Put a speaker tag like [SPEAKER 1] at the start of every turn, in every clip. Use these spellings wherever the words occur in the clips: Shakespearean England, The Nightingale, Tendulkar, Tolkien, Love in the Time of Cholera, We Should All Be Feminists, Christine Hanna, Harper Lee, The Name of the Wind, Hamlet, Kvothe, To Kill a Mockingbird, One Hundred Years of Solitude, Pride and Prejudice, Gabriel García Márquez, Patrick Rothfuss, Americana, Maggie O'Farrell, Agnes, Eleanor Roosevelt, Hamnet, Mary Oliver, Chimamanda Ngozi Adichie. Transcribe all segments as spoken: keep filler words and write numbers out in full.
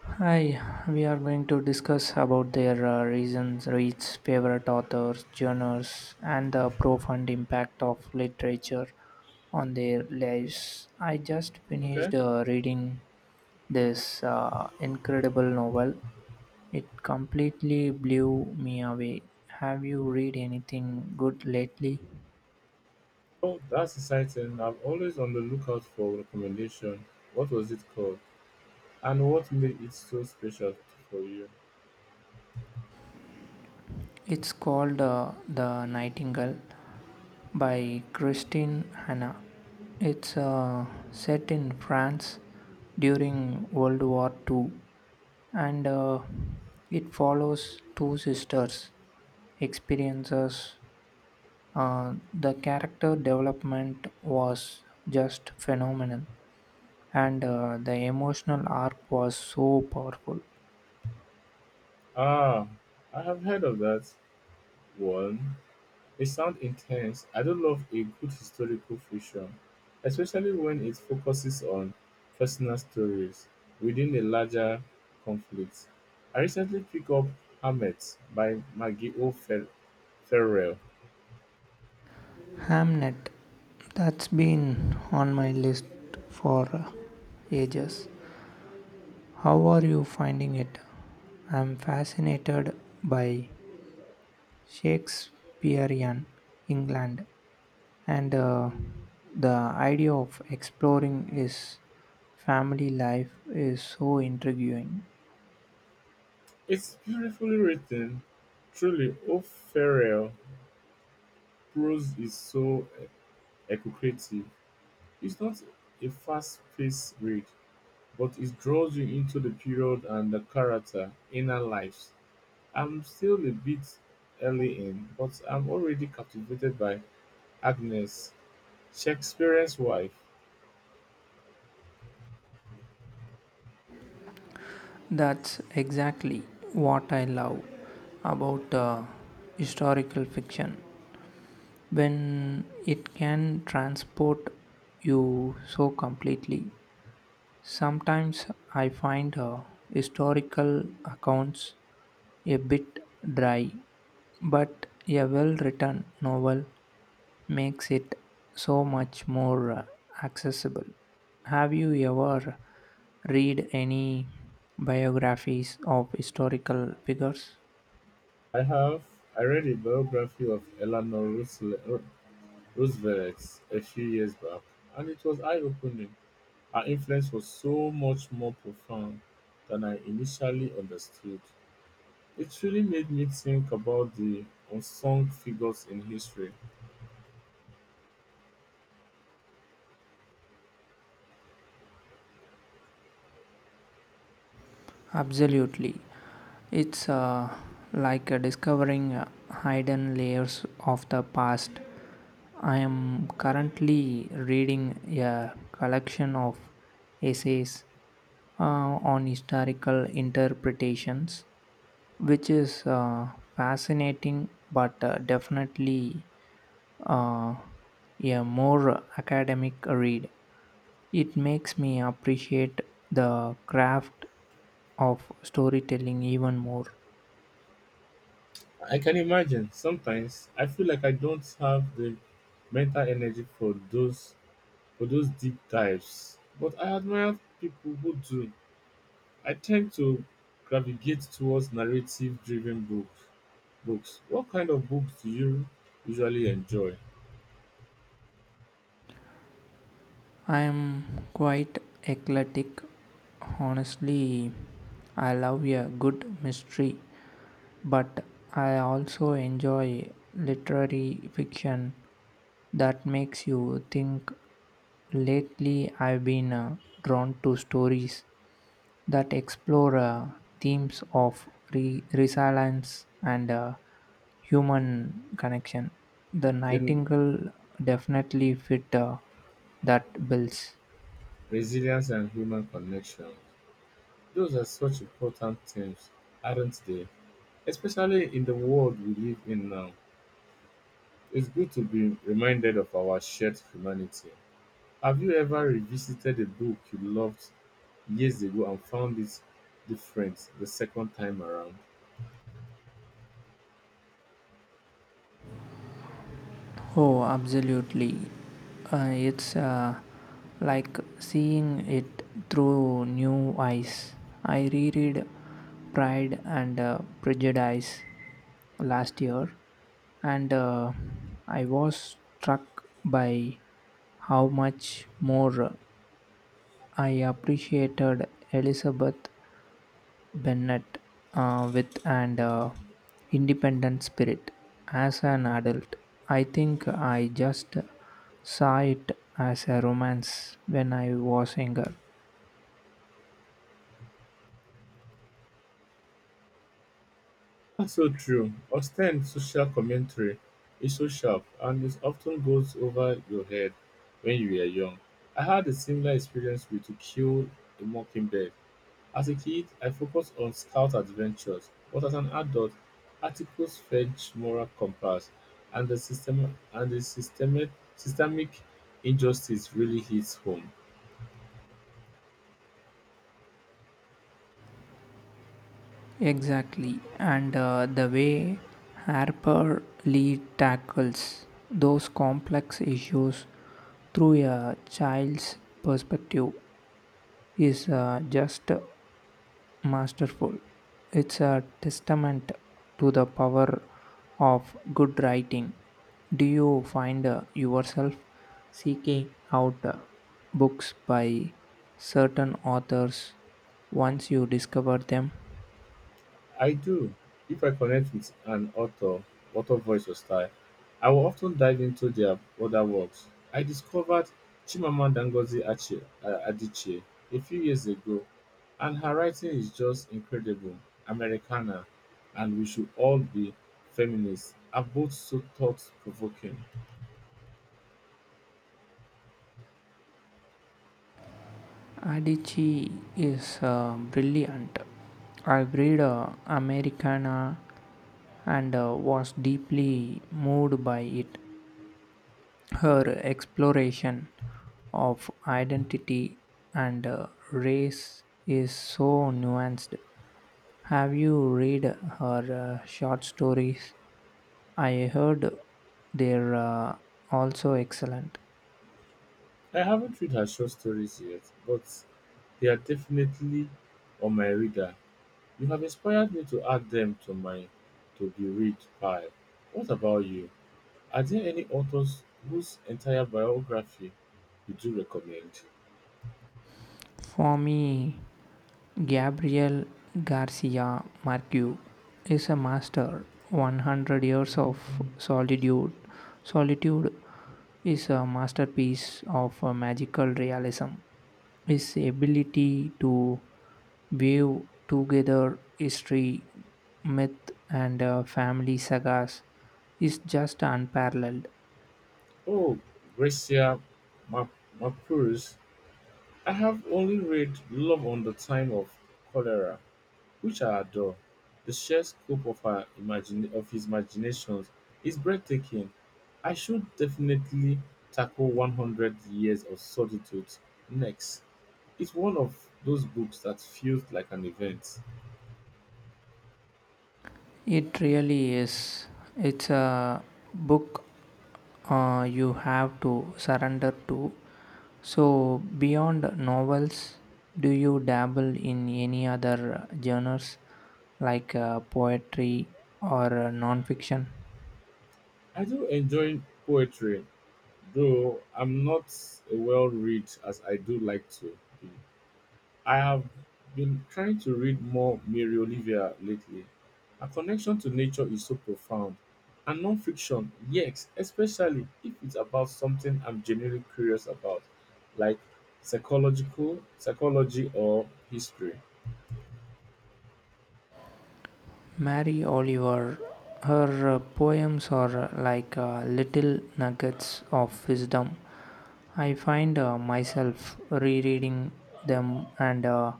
[SPEAKER 1] Hi, we are going to discuss about their uh, reasons, reads, favorite authors, genres, and the profound impact of literature on their lives. I just
[SPEAKER 2] Okay.
[SPEAKER 1] finished uh, reading this uh, incredible novel. It completely blew me away. Have you read anything good lately?
[SPEAKER 2] Oh, that's exciting. I'm always on the lookout for recommendation. What was it called? And what made it so special for you?
[SPEAKER 1] It's called uh, The Nightingale by Christine Hanna. It's uh, set in France during World War two and uh, it follows two sisters' experiences. Uh, the character development was just phenomenal and uh, the emotional arc was so powerful.
[SPEAKER 2] Ah, I have heard of that one. It sounds intense. I do love a good historical fiction, especially when it focuses on personal stories within a larger conflict. I recently picked up Hamlet by Maggie O. Fer- Ferrell.
[SPEAKER 1] Hamnet, that's been on my list for uh, ages. How are you finding it? I'm fascinated by Shakespearean England, and uh, the idea of exploring his family life is so intriguing.
[SPEAKER 2] It's beautifully written, truly O'Farrell's prose is so evocative. It's not a fast-paced read, but it draws you into the period and the characters' inner lives. I'm still a bit early in, but I'm already captivated by Agnes, Shakespeare's wife.
[SPEAKER 1] That's exactly what I love about uh, historical fiction when it can transport you so completely. Sometimes I find uh, historical accounts a bit dry, but a well written novel makes it so much more uh, accessible. Have you ever read any biographies of historical figures?
[SPEAKER 2] I have I read a biography of Eleanor Roosevelt a few years back, and it was eye-opening. Her influence was so much more profound than I initially understood. It really made me think about the unsung figures in history.
[SPEAKER 1] Absolutely. It's uh, like uh, discovering uh, hidden layers of the past. I am currently reading a collection of essays uh, on historical interpretations, which is uh, fascinating but uh, definitely uh, a more academic read. It makes me appreciate the craft of storytelling even more.
[SPEAKER 2] I can imagine. Sometimes I feel like I don't have the mental energy for those for those deep dives, but I admire people who do. I tend to gravitate towards narrative-driven books. Books. What kind of books do you usually enjoy?
[SPEAKER 1] I am quite eclectic. Honestly, I love a good mystery, but I also enjoy literary fiction that makes you think. Lately, I've been uh, drawn to stories that explore uh, themes of re- resilience and uh, human connection. The
[SPEAKER 2] Then
[SPEAKER 1] Nightingale definitely fit uh, that bills.
[SPEAKER 2] resilience and human connection. Those are such important things, aren't they? Especially in the world we live in now. It's good to be reminded of our shared humanity. Have you ever revisited a book you loved years ago and found it different the second time around?
[SPEAKER 1] Oh, absolutely. Uh, it's uh, like seeing it through new eyes. I reread Pride and uh, Prejudice last year, and uh, I was struck by how much more I appreciated Elizabeth Bennett uh, with an uh, independent spirit. As an adult, I think I just saw it as a romance when I was younger.
[SPEAKER 2] That's so true. Austen's social commentary is so sharp and it often goes over your head when you were young. I had a similar experience with To Kill a Mockingbird. As a kid, I focused on scout adventures, but as an adult, articles fetch moral compass and the system and the systemic systemic injustice really hits home.
[SPEAKER 1] Exactly, and uh, the way Harper Lee tackles those complex issues through a child's perspective is uh, just masterful. It's a testament to the power of good writing. Do you find uh, yourself seeking out uh, books by certain authors once you discover them?
[SPEAKER 2] I do. If I connect with an author, author voice or style, I will often dive into their other works. I discovered Chimamanda Ngozi Achi- uh, Adichie a few years ago, and her writing is just incredible, Americana, and we should all be feminists, are both so thought-provoking.
[SPEAKER 1] Adichie is uh, brilliant. I've read uh, Americana and uh, was deeply moved by it. Her exploration of identity and uh, race is so nuanced. Have you read her uh, short stories? I heard they're uh, also excellent.
[SPEAKER 2] I haven't read her short stories yet, but they are definitely on my radar. You have inspired me to add them to my to be read pile. What about you? Are there any authors whose entire biography you do recommend?
[SPEAKER 1] For me, Gabriel Garcia Marquez is a master. one hundred years of solitude. Solitude is a masterpiece of uh, magical realism. His ability to weave together history, myth, and uh, family sagas is just unparalleled.
[SPEAKER 2] Oh, Gracia Ma- Mapurus. I have only read Love on the Time of Cholera, which I adore. The sheer scope of her imagine of his imaginations is breathtaking. I should definitely tackle one hundred Years of Solitude next. It's one of those books that feels like an event.
[SPEAKER 1] It really is. It's a book uh, you have to surrender to. So, beyond novels, do you dabble in any other genres like uh, poetry or uh, non fiction?
[SPEAKER 2] I do enjoy poetry, though I'm not a well read as I do like to be. I have been trying to read more Mary Oliver lately. Her connection to nature is so profound. And non-fiction, yes, especially if it's about something I'm genuinely curious about, like psychological psychology or history.
[SPEAKER 1] Mary Oliver, her uh, poems are uh, like uh, little nuggets of wisdom. I find uh, myself rereading them and uh,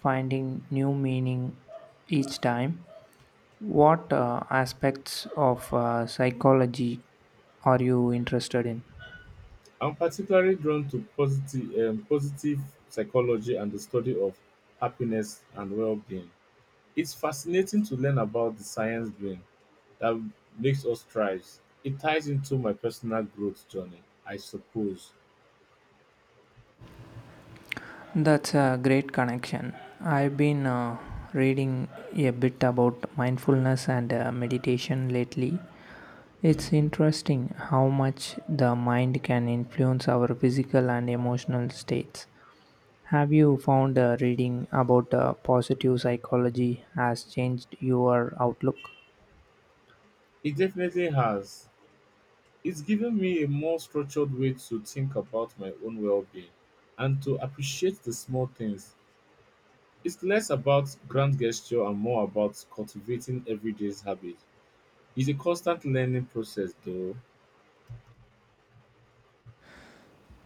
[SPEAKER 1] finding new meaning each time. What uh, aspects of uh, psychology are you interested in?
[SPEAKER 2] I'm particularly drawn to positive, um, positive psychology and the study of happiness and well-being. It's fascinating to learn about the science brain that makes us thrive. It ties into my personal growth journey, I suppose.
[SPEAKER 1] That's a great connection. I've been uh, reading a bit about mindfulness and uh, meditation lately. It's interesting how much the mind can influence our physical and emotional states. Have you found uh, reading about uh, positive psychology has changed your outlook?
[SPEAKER 2] It definitely has. It's given me a more structured way to think about my own well being and to appreciate the small things. It's less about grand gesture and more about cultivating everyday habits. It's a constant learning process, though.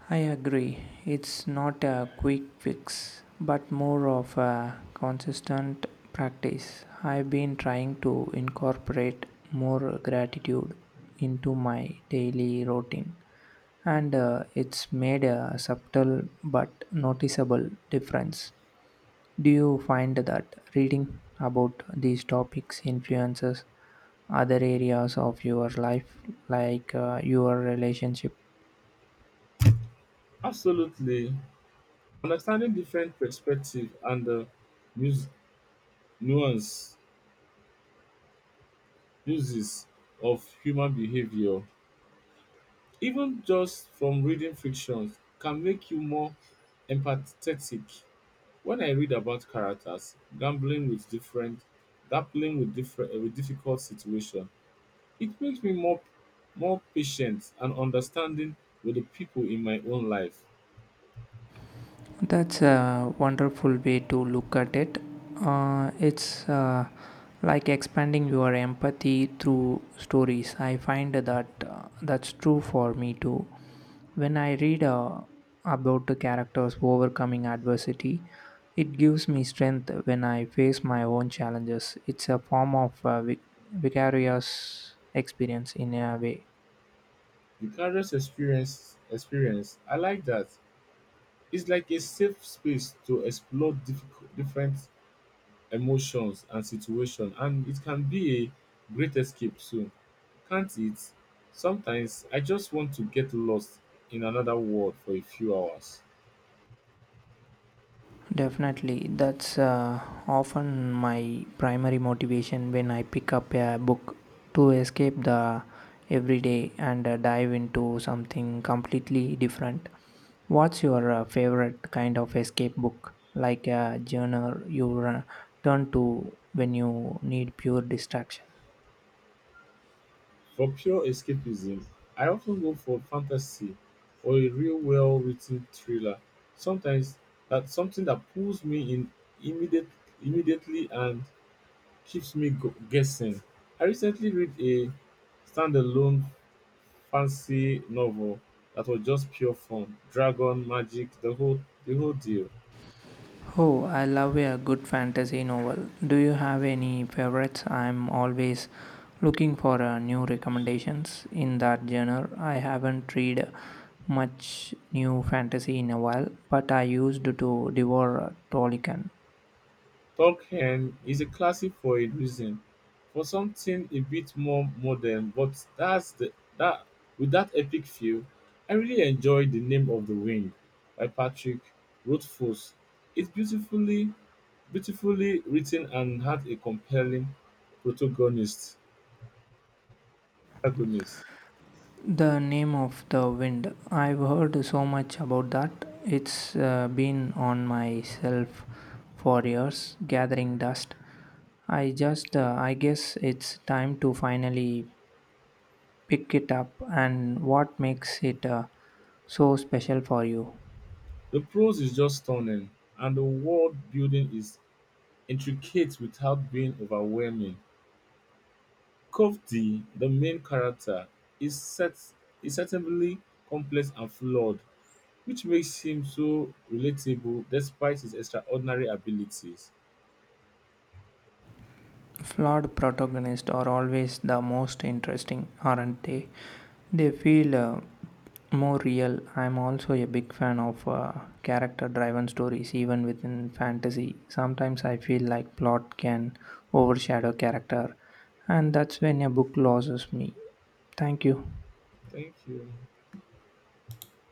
[SPEAKER 1] I agree. It's not a quick fix, but more of a consistent practice. I've been trying to incorporate more gratitude into my daily routine, and uh, it's made a subtle but noticeable difference. Do you find that reading about these topics influences other areas of your life, like uh, your relationship?
[SPEAKER 2] Absolutely. Understanding different perspectives and the nuance uses of human behavior, even just from reading fictions, can make you more empathetic. When I read about characters gambling with different, grappling with different, uh, with difficult situation, it makes me more, more patient and understanding with the people in my own life.
[SPEAKER 1] That's a wonderful way to look at it. Uh, it's uh, like expanding your empathy through stories. I find that uh, that's true for me too. When I read uh, about the characters overcoming adversity, it gives me strength when I face my own challenges. It's a form of uh, vic- vicarious experience in a way.
[SPEAKER 2] The characters' experience, experience, I like that. It's like a safe space to explore difficult, different emotions and situation, and it can be a great escape too, can't it? Sometimes I just want to get lost in another world for a few hours.
[SPEAKER 1] Definitely, that's uh, often my primary motivation when I pick up a book to escape the everyday and uh, dive into something completely different. What's your uh, favorite kind of escape book? Like a genre you uh, turn to when you need pure distraction?
[SPEAKER 2] For pure escapism, I often go for fantasy or a real well written thriller, sometimes that's something that pulls me in immediate immediately and keeps me gu- guessing. I recently read a standalone fancy novel that was just pure fun. Dragon, magic, the whole the whole deal.
[SPEAKER 1] Oh, I love a good fantasy novel. Do you have any favorites? I'm always looking for uh, new recommendations in that genre. I haven't read much new fantasy in a while, but I used to devour uh, Tolkien.
[SPEAKER 2] Tolkien is a classic for a reason. For something a bit more modern, but that's the that with that epic feel, I really enjoyed The Name of the Wind by Patrick Rothfuss. It's beautifully beautifully written and had a compelling protagonist. Agonists.
[SPEAKER 1] The Name of the Wind. I've heard so much about that. It's uh, been on my shelf for years, gathering dust. I just, uh, I guess it's time to finally pick it up. And what makes it uh, so special for you?
[SPEAKER 2] The prose is just stunning, and the world building is intricate without being overwhelming. Coventry, the main character, is set is certainly complex and flawed, which makes him so relatable despite his extraordinary abilities.
[SPEAKER 1] Flawed protagonists are always the most interesting, aren't they? They feel uh, more real. I'm also a big fan of uh, character driven stories, even within fantasy. Sometimes I feel like plot can overshadow character, and that's when a book loses me. Thank you.
[SPEAKER 2] Thank you.